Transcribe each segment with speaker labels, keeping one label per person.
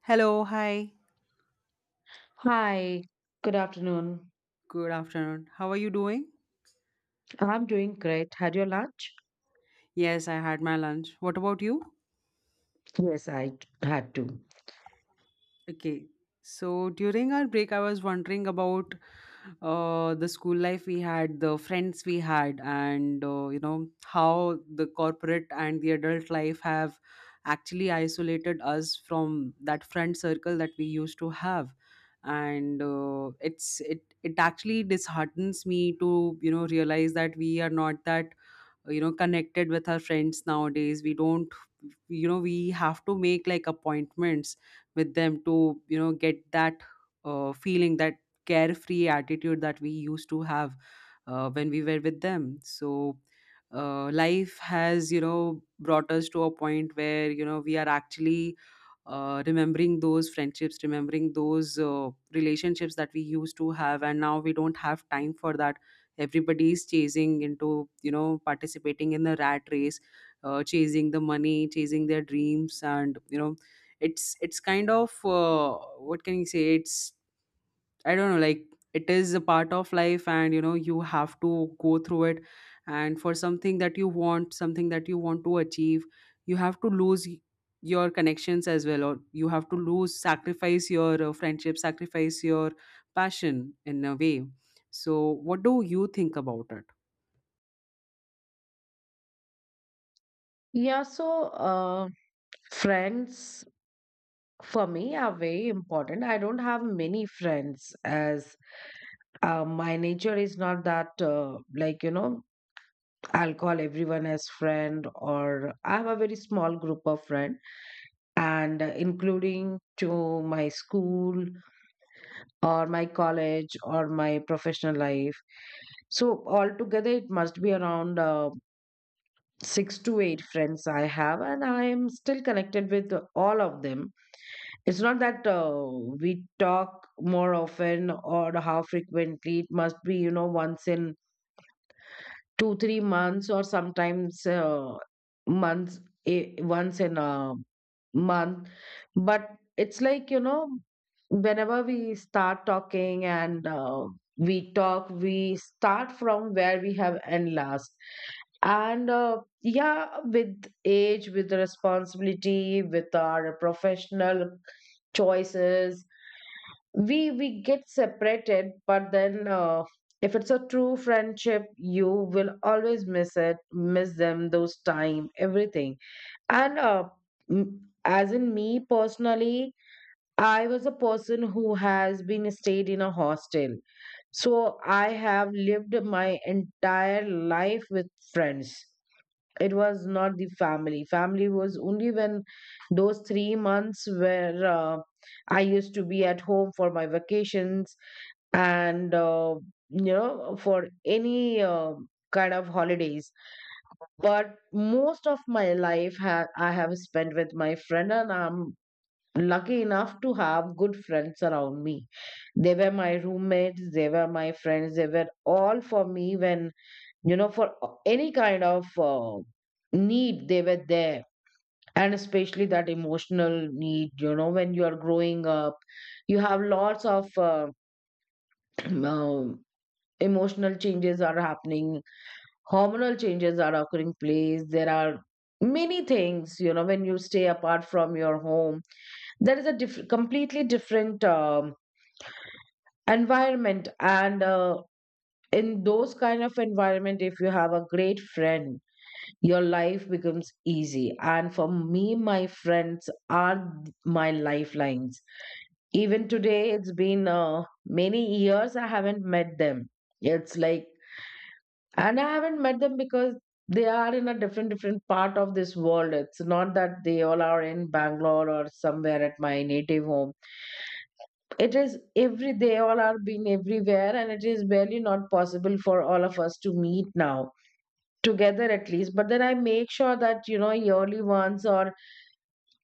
Speaker 1: Hello, hi.
Speaker 2: Hi, good afternoon.
Speaker 1: Good afternoon. How are you doing?
Speaker 2: I'm doing great. Had your lunch?
Speaker 1: Yes, I had my lunch. What about you?
Speaker 2: Yes, had to.
Speaker 1: Okay. So during our break, I was wondering about the school life we had, the friends we had, and how the corporate and the adult life have actually isolated us from that friend circle that we used to have. And it actually disheartens me to realize that we are not that connected with our friends nowadays. We don't, we have to make like appointments with them to get that feeling, that carefree attitude that we used to have when we were with them. So life has, brought us to a point where, we are actually remembering those friendships, remembering those relationships that we used to have, and now we don't have time for that. Everybody is chasing into, participating in the rat race, chasing the money, chasing their dreams. And it's kind of, what can you say, it's I don't know, like it is a part of life and you have to go through it. And for something that you want, something that you want to achieve, you have to your connections as well, or you have to lose, sacrifice your friendship, sacrifice your passion in a way. So what do you think about it?
Speaker 2: Yeah, friends for me are very important. I don't have many friends as my nature is not that, like, you know, I'll call everyone as friend, or I have a very small group of friends, and including to my school or my college or my professional life. So altogether, it must be around 6 to 8 friends I have, and I am still connected with all of them. It's not that we talk more often or how frequently. It must be, you know, once in 2 3 months, or sometimes months, eh, once in a month, but it's like, you know, whenever we start talking, and we talk, we start from where we have end last, and yeah, with age, with the responsibility, with our professional choices, we get separated, but then if it's a true friendship, you will always miss it, miss them, those time, everything. And as in me personally, I was a person who has been stayed in a hostel, so I have lived my entire life with friends. It was not the family. Family was only when those 3 months where I used to be at home for my vacations, and you know, for any, kind of holidays, but most of my life I have spent with my friend, and I'm lucky enough to have good friends around me. They were my roommates, they were my friends, they were all for me when, you know, for any kind of, need, they were there. And especially that emotional need, you know, when you are growing up, you have lots of, um, emotional changes are happening, hormonal changes are occurring place, there are many things, you know, when you stay apart from your home, there is a completely different, environment, and in those kind of environment, if you have a great friend, your life becomes easy. And for me, my friends are my lifelines. Even today, it's been, many years I haven't met them. It's like, and I haven't met them because they are in a different part of this world. It's not that they all are in Bangalore or somewhere at my native home. It is every, they all are being everywhere, and it is barely not possible for all of us to meet now together at least. But then I make sure that, you know, yearly once, or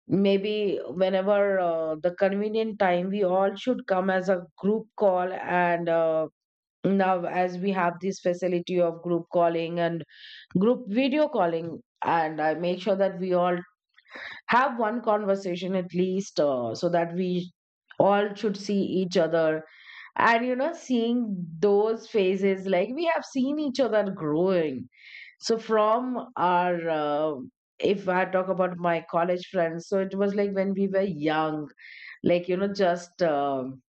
Speaker 2: maybe whenever, the convenient time, we all should come as a group call. And now as we have this facility of group calling and group video calling, and I make sure that we all have one conversation at least, so that we all should see each other. And you know, seeing those faces, like we have seen each other growing. So from our, if I talk about my college friends, so it was like when we were young, like you know, just,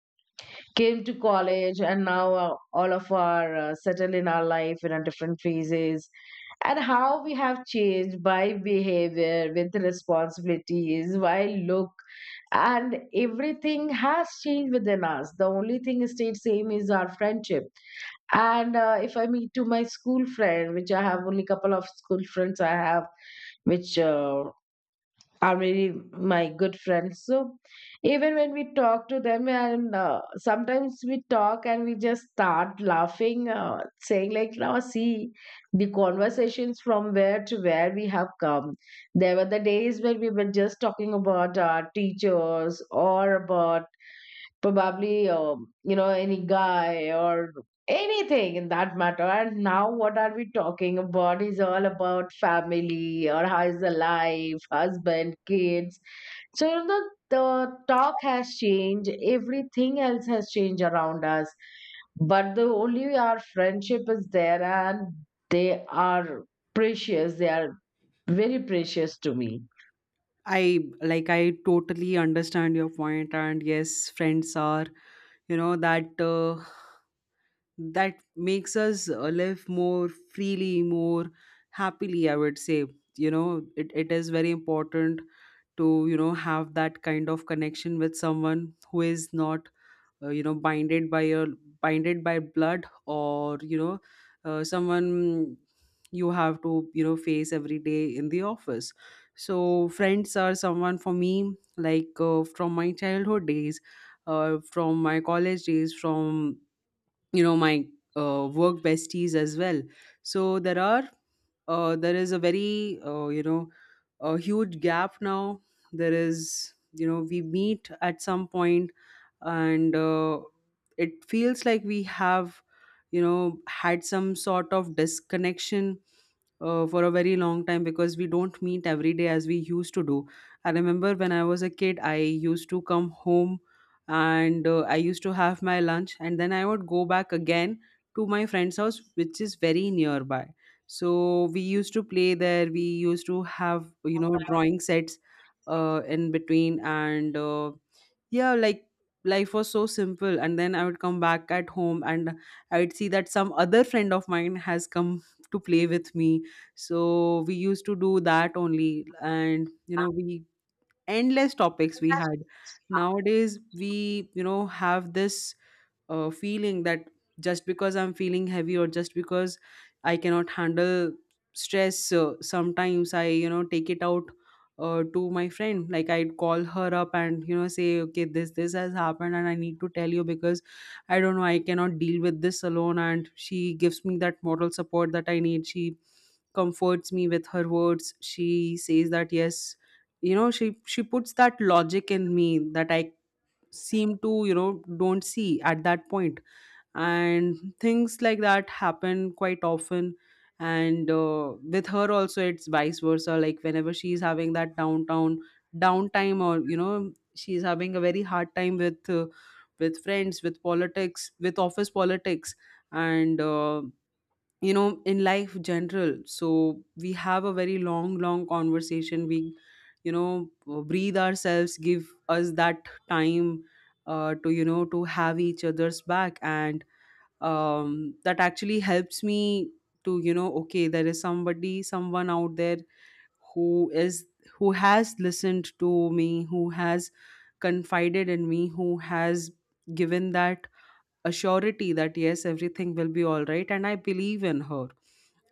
Speaker 2: came to college, and now, all of our, settled in our life, in our different phases. And how we have changed by behavior, with responsibilities, by look, and everything has changed within us. The only thing stayed same is our friendship. And if I meet to my school friend, which I have only couple of school friends I have, which are really my good friends. So even when we talk to them, and sometimes we talk and we just start laughing, saying like, now see, the conversations, from where to where we have come. There were the days when we were just talking about our teachers, or about probably, you know, any guy or anything in that matter. And now what are we talking about is all about family, or how is the life, husband, kids. So you know, the talk has changed, everything else has changed around us, but the only, our friendship is there, and they are precious, they are very precious to me.
Speaker 1: I totally understand your point, and yes, friends are, that that makes us live more freely, more happily, I would say. You know, it is very important to have that kind of connection with someone who is not uh, you know binded by your binded by blood, or someone you have to face every day in the office. So friends are someone for me, like from my childhood days, from my college days, from my work besties as well. So there are there is a very a huge gap now. There is, we meet at some point, and it feels like we have, had some sort of disconnection for a very long time because we don't meet every day as we used to do. I remember when I was a kid, I used to come home and I used to have my lunch, and then I would go back again to my friend's house, which is very nearby. So we used to play there, we used to have, you know, drawing sets in between, and yeah, like life was so simple. And then I would come back at home and I would see that some other friend of mine has come to play with me. So we used to do that only, and you know we endless topics we had. Nowadays we, have this feeling that just because I'm feeling heavy, or just because I cannot handle stress, sometimes I, take it out to my friend. Like I'd call her up and, say okay, this has happened and I need to tell you because I don't know, I cannot deal with this alone. And she gives me that moral support that I need, she comforts me with her words, she says that yes, she puts that logic in me that I seem to, don't see at that point. And things like that happen quite often. And with her also it's vice versa. Like whenever she's having that downtown downtime, or she's having a very hard time with friends, with politics, with office politics, and in life general, so we have a very long, long conversation. We, breathe ourselves, give us that time to, to have each other's back. And that actually helps me to, okay, there is somebody, someone out there who is, who has listened to me, who has confided in me, who has given that, a surety that yes, everything will be all right, and I believe in her.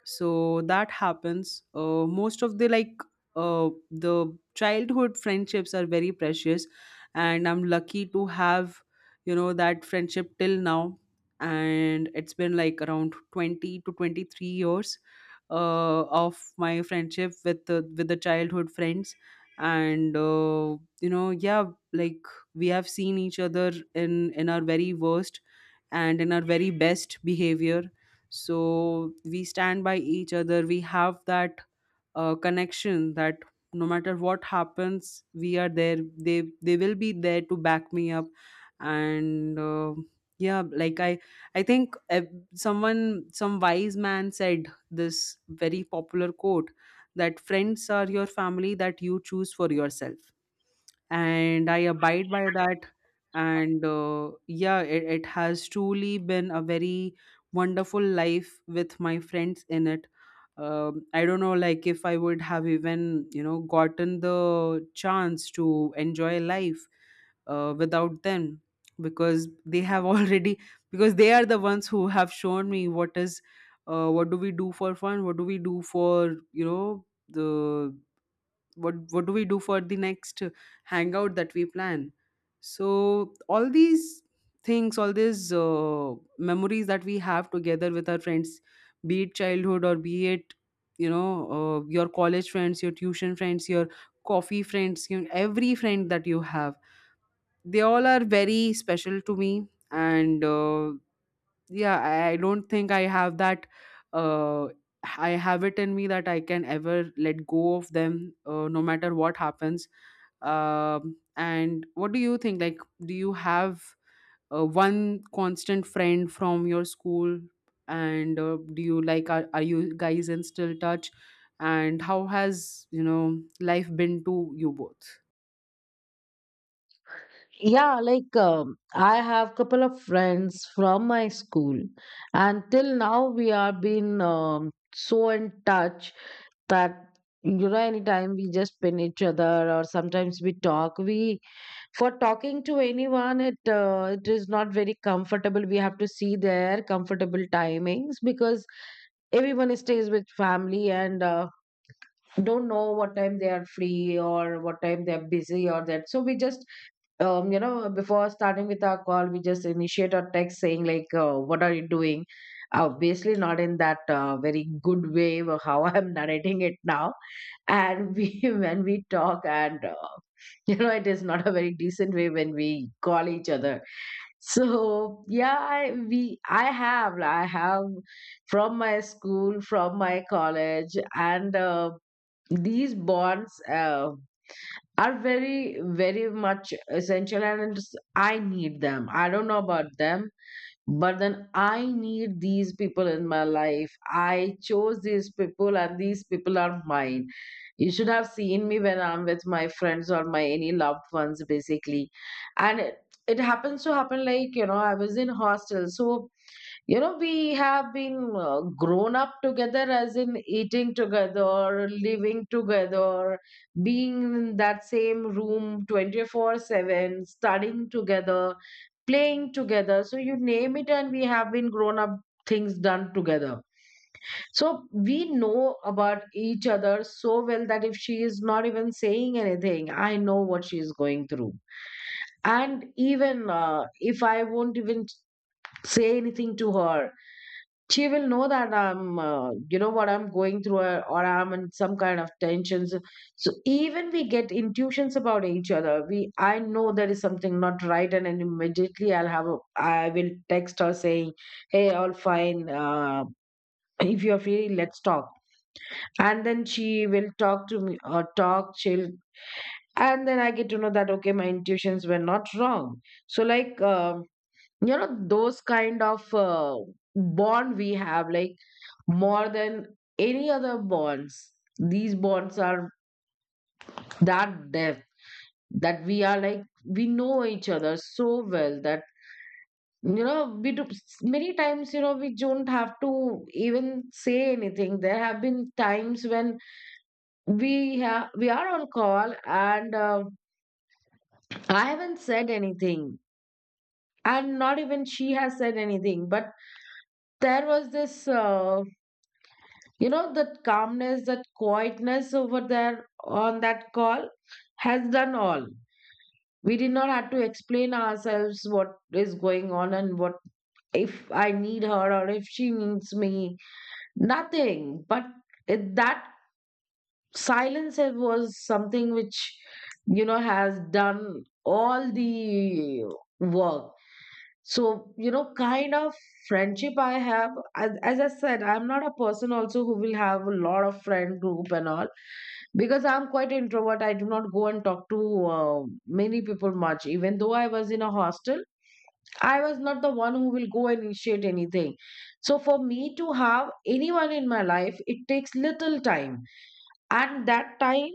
Speaker 1: So that happens most of the, like the childhood friendships are very precious, and I'm lucky to have, that friendship till now. And it's been like around 20 to 23 years uh, of my friendship with the childhood friends. And yeah, like we have seen each other in in our very worst and in our very best behavior. So we stand by each other. We have that connection that no matter what happens, we are there. They will be there to back me up. And yeah, like I think someone, some wise man, said this very popular quote, that friends are your family that you choose for yourself, and I abide by that. And yeah, it has truly been a very wonderful life with my friends in it. I don't know, like if I would have even, gotten the chance to enjoy life without them, because they have already, because they are the ones who have shown me what is what do we do for fun, what do we do for, you know the what do we do for the next hangout that we plan. So all these things, all these memories that we have together with our friends, be it childhood, or be it, your college friends, your tuition friends, your coffee friends, you know, every friend that you have, they all are very special to me. And yeah, I don't think uh, I have it in me that I can ever let go of them no matter what happens. And what do you think, like, do you have one constant friend from your school, and do you, like, are you guys in still touch, and how has, life been to you both?
Speaker 2: Yeah, like, I have couple of friends from my school, and till now we are been, so in touch that you know, anytime we just pin each other or sometimes we talk. We, for talking to anyone, it is not very comfortable. We have to see their comfortable timings, because everyone stays with family, and don't know what time they are free or what time they are busy or that. So we just, you know, before starting with our call, we just initiate a text saying like, "What are you doing?" Obviously, not in that, very good way of how I'm narrating it now. And we, when we talk, and you know, it is not a very decent way when we call each other. So yeah, I have from my school, from my college, and, these bonds, uh, are very much essential, and I need them, I don't know about them, but then I need these people in my life. I chose these people, and these people are mine. You should have seen me when I'm with my friends or my any loved ones, basically. And it happens to happen like, you know, I was in hostel, so you know, we have been, grown up together, as in eating together, living together, being in that same room 24/7, studying together, playing together, so you name it, and we have been grown up, things done together. So we know about each other so well that if she is not even saying anything, I know what she is going through. And even, if I won't even say anything to her, she will know that I'm, you know, what I'm going through, or I'm in some kind of tensions. So even we get intuitions about each other. We, I know there is something not right, and then immediately I'll have, a, I will text her saying, "Hey, all fine. If you're free, let's talk." And then she will talk to me, or talk, she'll, and then I get to know that okay, my intuitions were not wrong. So like, you know, those kind of, bond we have, like more than any other bonds. These bonds are that depth, that we are like, we know each other so well that, you know, we do, many times, you know, we don't have to even say anything. There have been times when we have, we are on call, and I haven't said anything, and not even she has said anything, but there was this, you know, that calmness, that quietness over there on that call has done all. We did not have to explain ourselves what is going on, and what if I need her or if she needs me. Nothing. But it, that silence, it was something which, you know, has done all the work. So, you know, kind of friendship I have, as I said, I'm not a person also who will have a lot of friend group and all, because I'm quite introvert. I do not go and talk to, many people much. Even though I was in a hostel, I was not the one who will go and initiate anything. So, for me to have anyone in my life, it takes little time. And that time,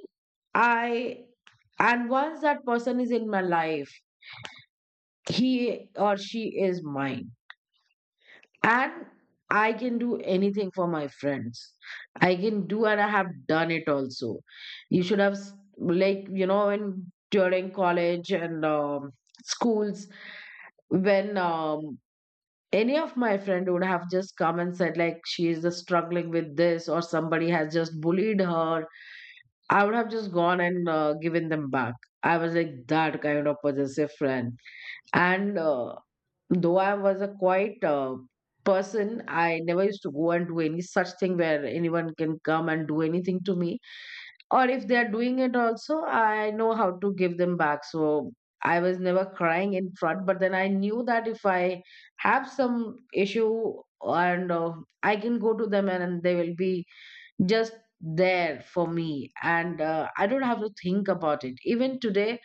Speaker 2: I, and once that person is in my life, he or she is mine. And I can do anything for my friends. I can do, and I have done it also. You should have s- Like, you know, when during college and, schools, when, any of my friend would have just come and said like she is just struggling with this, or somebody has just bullied her, I would have just gone and, given them back. I was like that kind of possessive friend. And though I was a quiet, person, I never used to go and do any such thing where anyone can come and do anything to me. Or if they are doing it also, I know how to give them back. So I was never crying in front, but then I knew that if I have some issue, and I can go to them, and they will be just there for me, and I don't have to think about it. Even today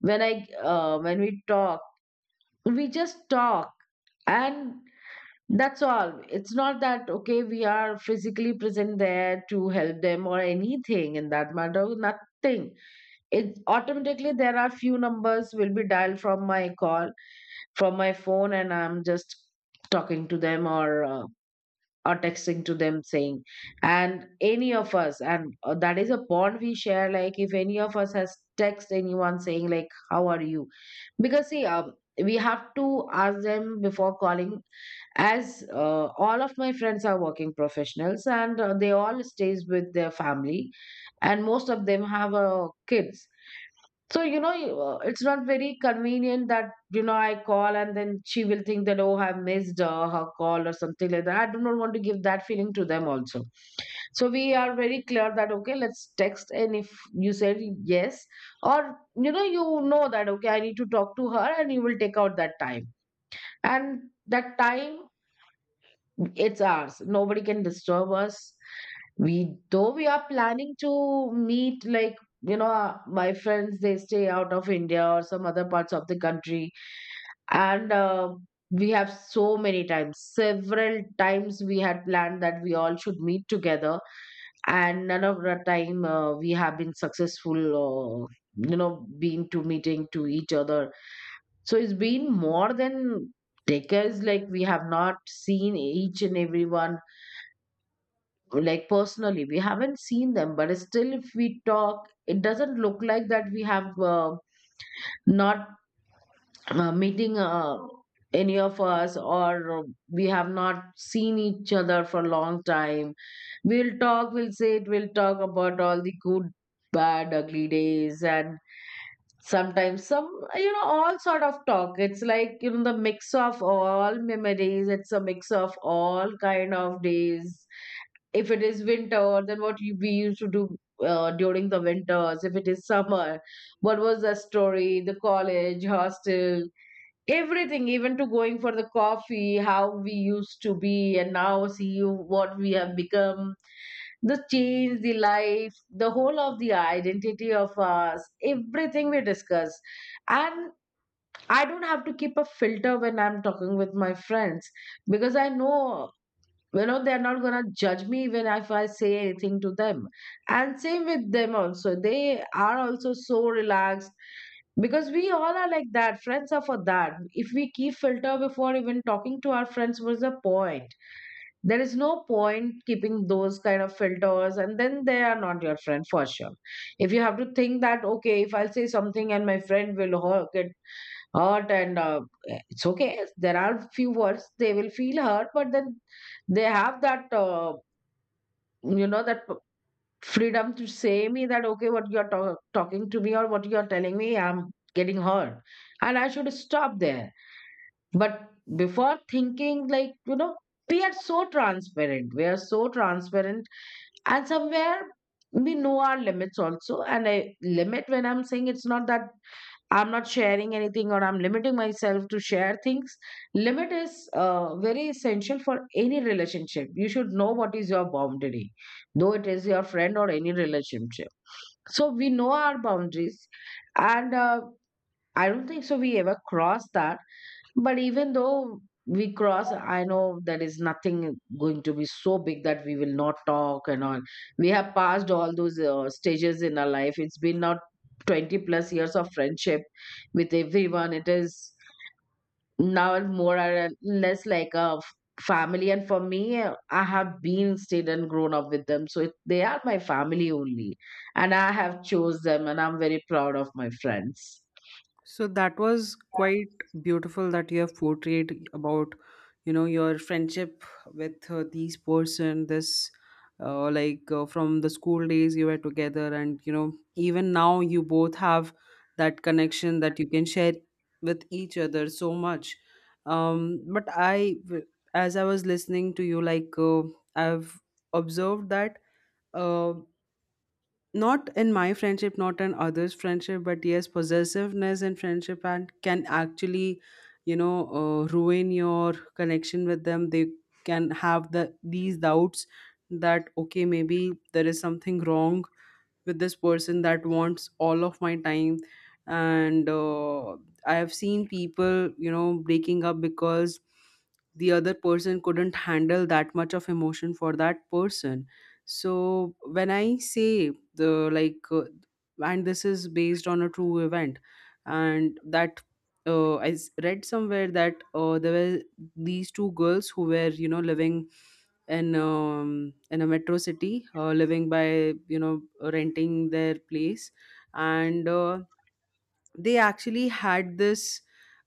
Speaker 2: when I, when we talk, we just talk, and that's all. It's not that, okay, we are physically present there to help them or anything in that matter, nothing. It automatically there are few numbers will be dialed from my call, from my phone, and I'm just talking to them or or texting to them saying, and any of us, and that is a bond we share. Like if any of us has text anyone saying like, how are you? Because see, we have to ask them before calling as all of my friends are working professionals and they all stays with their family and most of them have kids, so you know it's not very convenient that, you know, I call and then she will think that, oh, I've missed her call or something like that. I do not want to give that feeling to them also. So we are very clear that, okay, let's text, and if you said yes or, you know, you know that, okay, I need to talk to her and you will take out that time, and that time it's ours. Nobody can disturb us. We, though we are planning to meet, like, my friends, they stay out of India or some other parts of the country. And we have so many times, several times we had planned that we all should meet together. And none of the time we have been successful, being to meeting to each other. So it's been more than decades, like, we have not seen each and everyone, like, personally we haven't seen them, but still if we talk it doesn't look like that we have not meeting any of us, or we have not seen each other for a long time. We'll talk, we'll say it, we'll talk about all the good, bad, ugly days, and sometimes some, you know, all sort of talk. It's like, you know, the mix of all memories. It's a mix of all kind of days. If it is winter, then we used to do during the winters. If it is summer, what was the story? The college, hostel, everything, even to going for the coffee, how we used to be, and now see what we have become. The change, the life, the whole of the identity of us, everything we discuss. And I don't have to keep a filter when I'm talking with my friends, because I know, you know, they're not gonna judge me even if I say anything to them. And same with them also, they are also so relaxed, because we all are like that. Friends are for that. If we keep filter before even talking to our friends, what's the point? There is no point keeping those kind of filters, and then they are not your friend for sure. If you have to think that, okay, if I'll say something and my friend will get hurt, and it's okay, there are few words they will feel hurt, but then they have that that freedom to say me that, okay, what you're talking to me or what you're telling me, I'm getting hurt, and I should stop there. But before thinking, like, you know, we are so transparent, we are so transparent. And somewhere we know our limits also, and I limit, when I'm saying, it's not that I'm not sharing anything or I'm limiting myself to share things. Limit is very essential for any relationship. You should know what is your boundary, though it is your friend or any relationship. So we know our boundaries, and I don't think so we ever crossed that. But even though we cross, I know there is nothing going to be so big that we will not talk and all. We have passed all those stages in our life. It's been now 20 plus years of friendship with everyone. It is now more or less like a family. And for me, I have been stayed and grown up with them. So it, they are my family only. And I have chose them, and I'm very proud of my friends.
Speaker 1: So that was quite beautiful that you have portrayed about, you know, your friendship with these person. This, like from the school days you were together, and you know, even now you both have that connection that you can share with each other so much. Um, but I, w- as I was listening to you, like I've observed that. Uh, Not in my friendship, not in others' friendship, but yes, possessiveness in friendship and can actually, you know, ruin your connection with them. They can have these doubts that okay, maybe there is something wrong with this person that wants all of my time. And I have seen people, breaking up because the other person couldn't handle that much of emotion for that person. So when I say the, like and this is based on a true event. And that read somewhere that there were these two girls who were, living in a metro city, living by, you know, renting their place. And they actually had this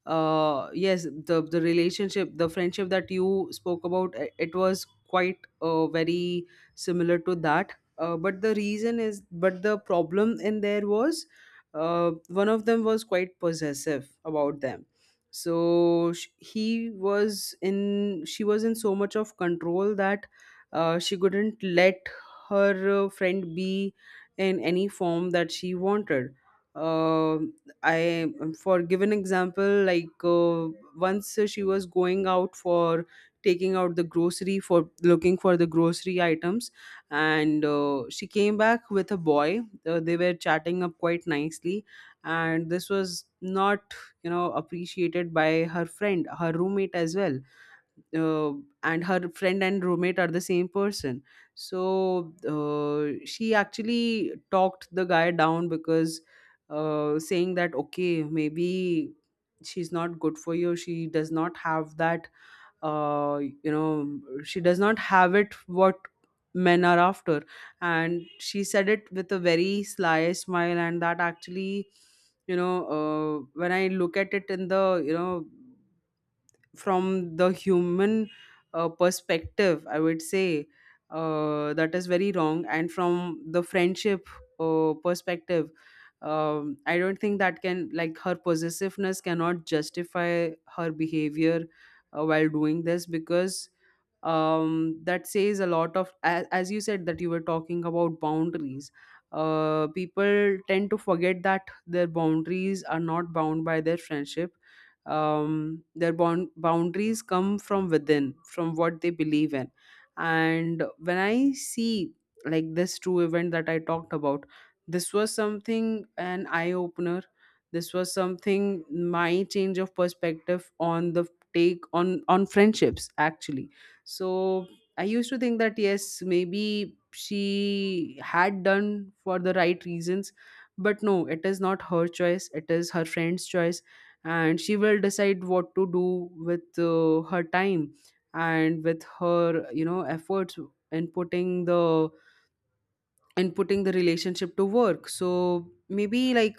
Speaker 1: yes, the relationship, the friendship that you spoke about, it was quite very similar to that. Uh, but the reason is, but the problem in there was one of them was quite possessive about them. So sh- he was in she was in so much of control that she couldn't let her friend be in any form that she wanted. Uh, I, for given example, like once she was going out for taking out the grocery for looking for the grocery items, and she came back with a boy. They were chatting up quite nicely, and this was not, appreciated by her friend, her roommate as well. uh, and her friend and roommate are the same person. So she actually talked the guy down because, saying that okay, maybe she's not good for you, she does not have that she does not have it what men are after. And she said it with a very sly smile, and that actually, when I look at it in the, from the human perspective, I would say that is very wrong. And from the friendship perspective, I don't think that can, like her possessiveness cannot justify her behavior while doing this. Because that says a lot of, as you said, that you were talking about boundaries, people tend to forget that their boundaries are not bound by their friendship. Their boundaries come from within, from what they believe in. And when I see, like, this true event that I talked about, this was something, an eye opener, this was something, my change of perspective on the take on friendships, actually. So I used to think that yes, maybe she had done for the right reasons. But no, it is not her choice, it is her friend's choice. And she will decide what to do with her time and with her, you know, efforts in putting the, in putting the relationship to work. So maybe like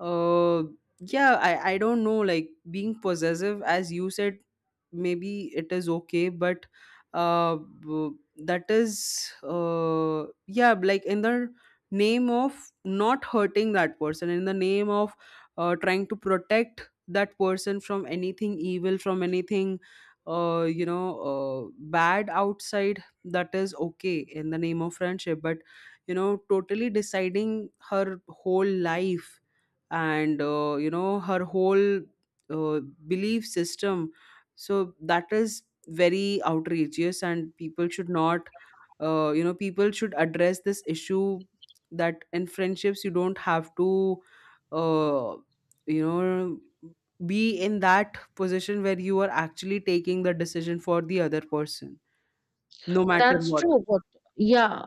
Speaker 1: uh, yeah, I don't know. Like being possessive, as you said, maybe it is okay, but that is yeah, like in the name of not hurting that person, in the name of trying to protect that person from anything evil, from anything bad outside, that is okay in the name of friendship. But you know, totally deciding her whole life and, you know, her whole uh, belief system, so that is very outrageous. And people should not, you know, people should address this issue, that in friendships you don't have to, uh, you know, be in that position where you are actually taking the decision for the other person no matter
Speaker 2: That's
Speaker 1: what.
Speaker 2: true, but yeah,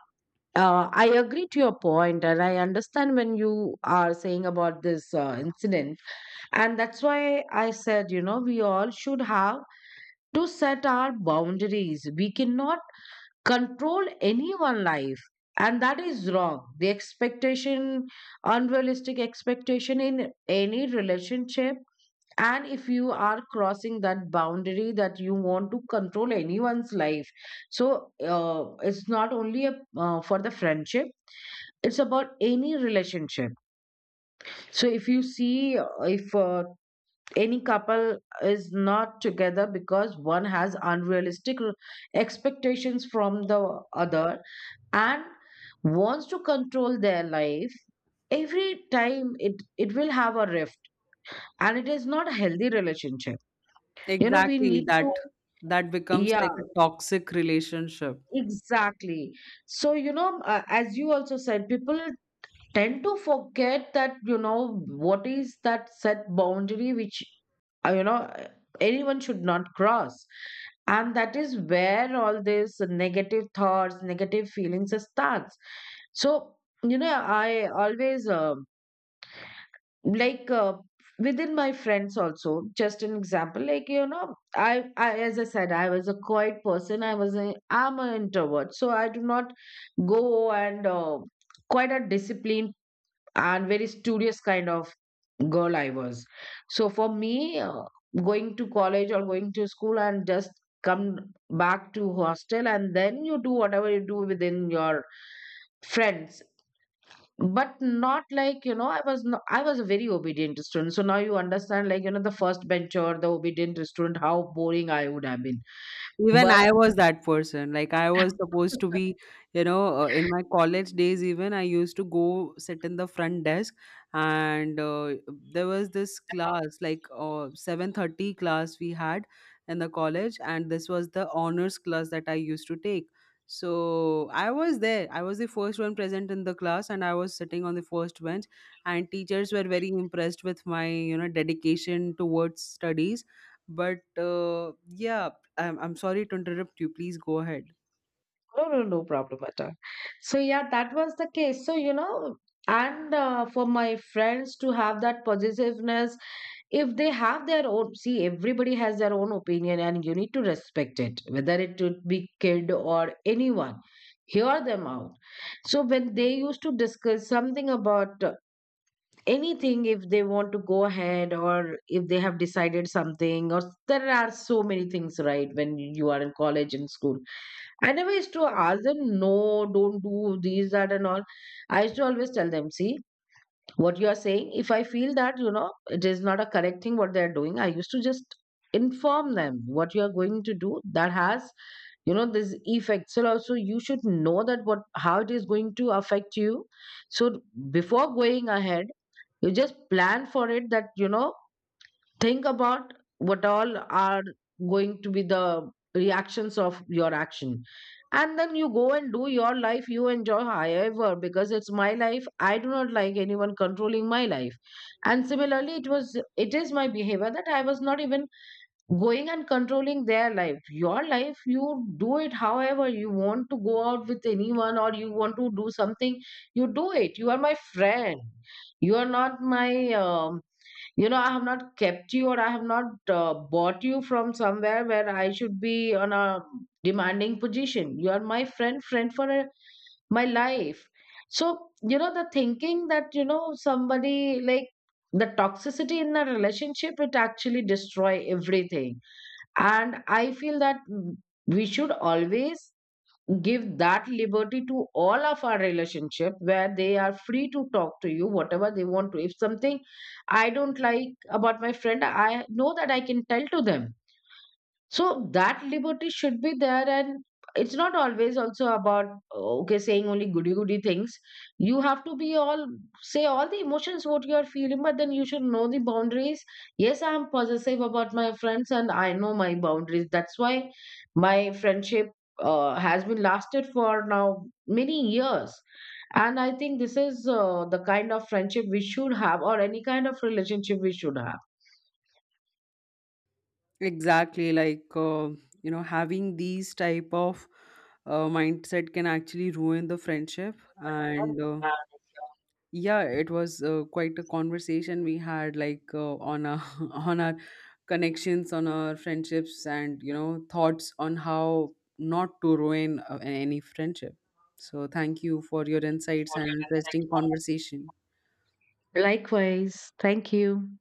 Speaker 2: I agree to your point, and I understand when you are saying about this incident. And that's why I said, you know, we all should have to set our boundaries. We cannot control anyone' life, and that is wrong. The expectation, unrealistic expectation in any relationship, and if you are crossing that boundary that you want to control anyone's life, so it's not only a, for the friendship, it's about any relationship. So if you see, if any couple is not together because one has unrealistic expectations from the other and wants to control their life, every time it will have a rift, and it is not a healthy relationship. You know, we
Speaker 1: Exactly,
Speaker 2: need to.
Speaker 1: that, that becomes
Speaker 2: Yeah,
Speaker 1: like a toxic relationship.
Speaker 2: exactly. So, you know, as you also said, people tend to forget that, you know, what is that set boundary which, uh, you know, anyone should not cross. And that is where all these negative thoughts, negative feelings starts. So, you know, I always like uh, within my friends also, just an example, like, you know, I, as I said, I was a quiet person, I was a, I'm an introvert, so I do not go and quite a disciplined and very studious kind of girl I was. So for me, going to college or going to school and just come back to hostel, and then you do whatever you do within your friends. But not like, you know, I was not, I was a very obedient student. So now you understand, like, you know, the first bencher, the obedient student, how boring I would have been.
Speaker 1: Even
Speaker 2: But
Speaker 1: I was that person. Like I was supposed to be, you know, in my college days, even I used to go sit in the front desk. And there was this class, like 7:30 class we had in the college, and this was the honors class that I used to take. So I was there. I was the first one present in the class, and I was sitting on the first bench. And teachers were very impressed with my, you know, dedication towards studies. But yeah, I'm sorry to interrupt you. Please go ahead.
Speaker 2: no, no, no problem at all. So yeah, that was the case. So you know, and for my friends to have that positiveness, if they have their own, see, everybody has their own opinion, and you need to respect it, whether it would be kid or anyone. Hear them out. So when they used to discuss something about anything, if they want to go ahead or if they have decided something, or there are so many things, right, when you are in college and school, I never used to ask them, no, don't do these that and all. I used to always tell them, see what you are saying. If I feel that, you know, it is not a correct thing what they are doing, I used to just inform them, what you are going to do that has, you know, this effect, so also you should know that what, how it is going to affect you. So before going ahead, you just plan for it, that you know, think about what all are going to be the reactions of your action, and then you go and do your life, you enjoy however, because it's my life, I do not like anyone controlling my life. And similarly, it was, it is my behavior that I was not even going and controlling their life. Your life, you do it however you want to. Go out with anyone or you want to do something, you do it, you are my friend. You are not my you know, I have not kept you or I have not bought you from somewhere where I should be on a demanding position. You are my friend, friend for my life. So you know, the thinking that, you know, somebody like the toxicity in a relationship, it actually destroy everything. And I feel that we should always give that liberty to all of our relationship, where they are free to talk to you whatever they want to. If something I don't like about my friend, I know that I can tell to them. So that liberty should be there, and it's not always also about, oh, okay, saying only goody goody things. You have to be all, say all the emotions what you are feeling, but then you should know the boundaries. Yes, I am possessive about my friends, and I know my boundaries. That's why my friendship has been lasted for now many years. And I think this is the kind of friendship we should have, or any kind of relationship we should have.
Speaker 1: Exactly, like you know, having these type of mindset can actually ruin the friendship. And yeah, it was quite a conversation we had, like on our on our connections, on our friendships, and you know, thoughts on how not to ruin any friendship. So thank you for your insights and interesting conversation.
Speaker 2: Likewise, thank you.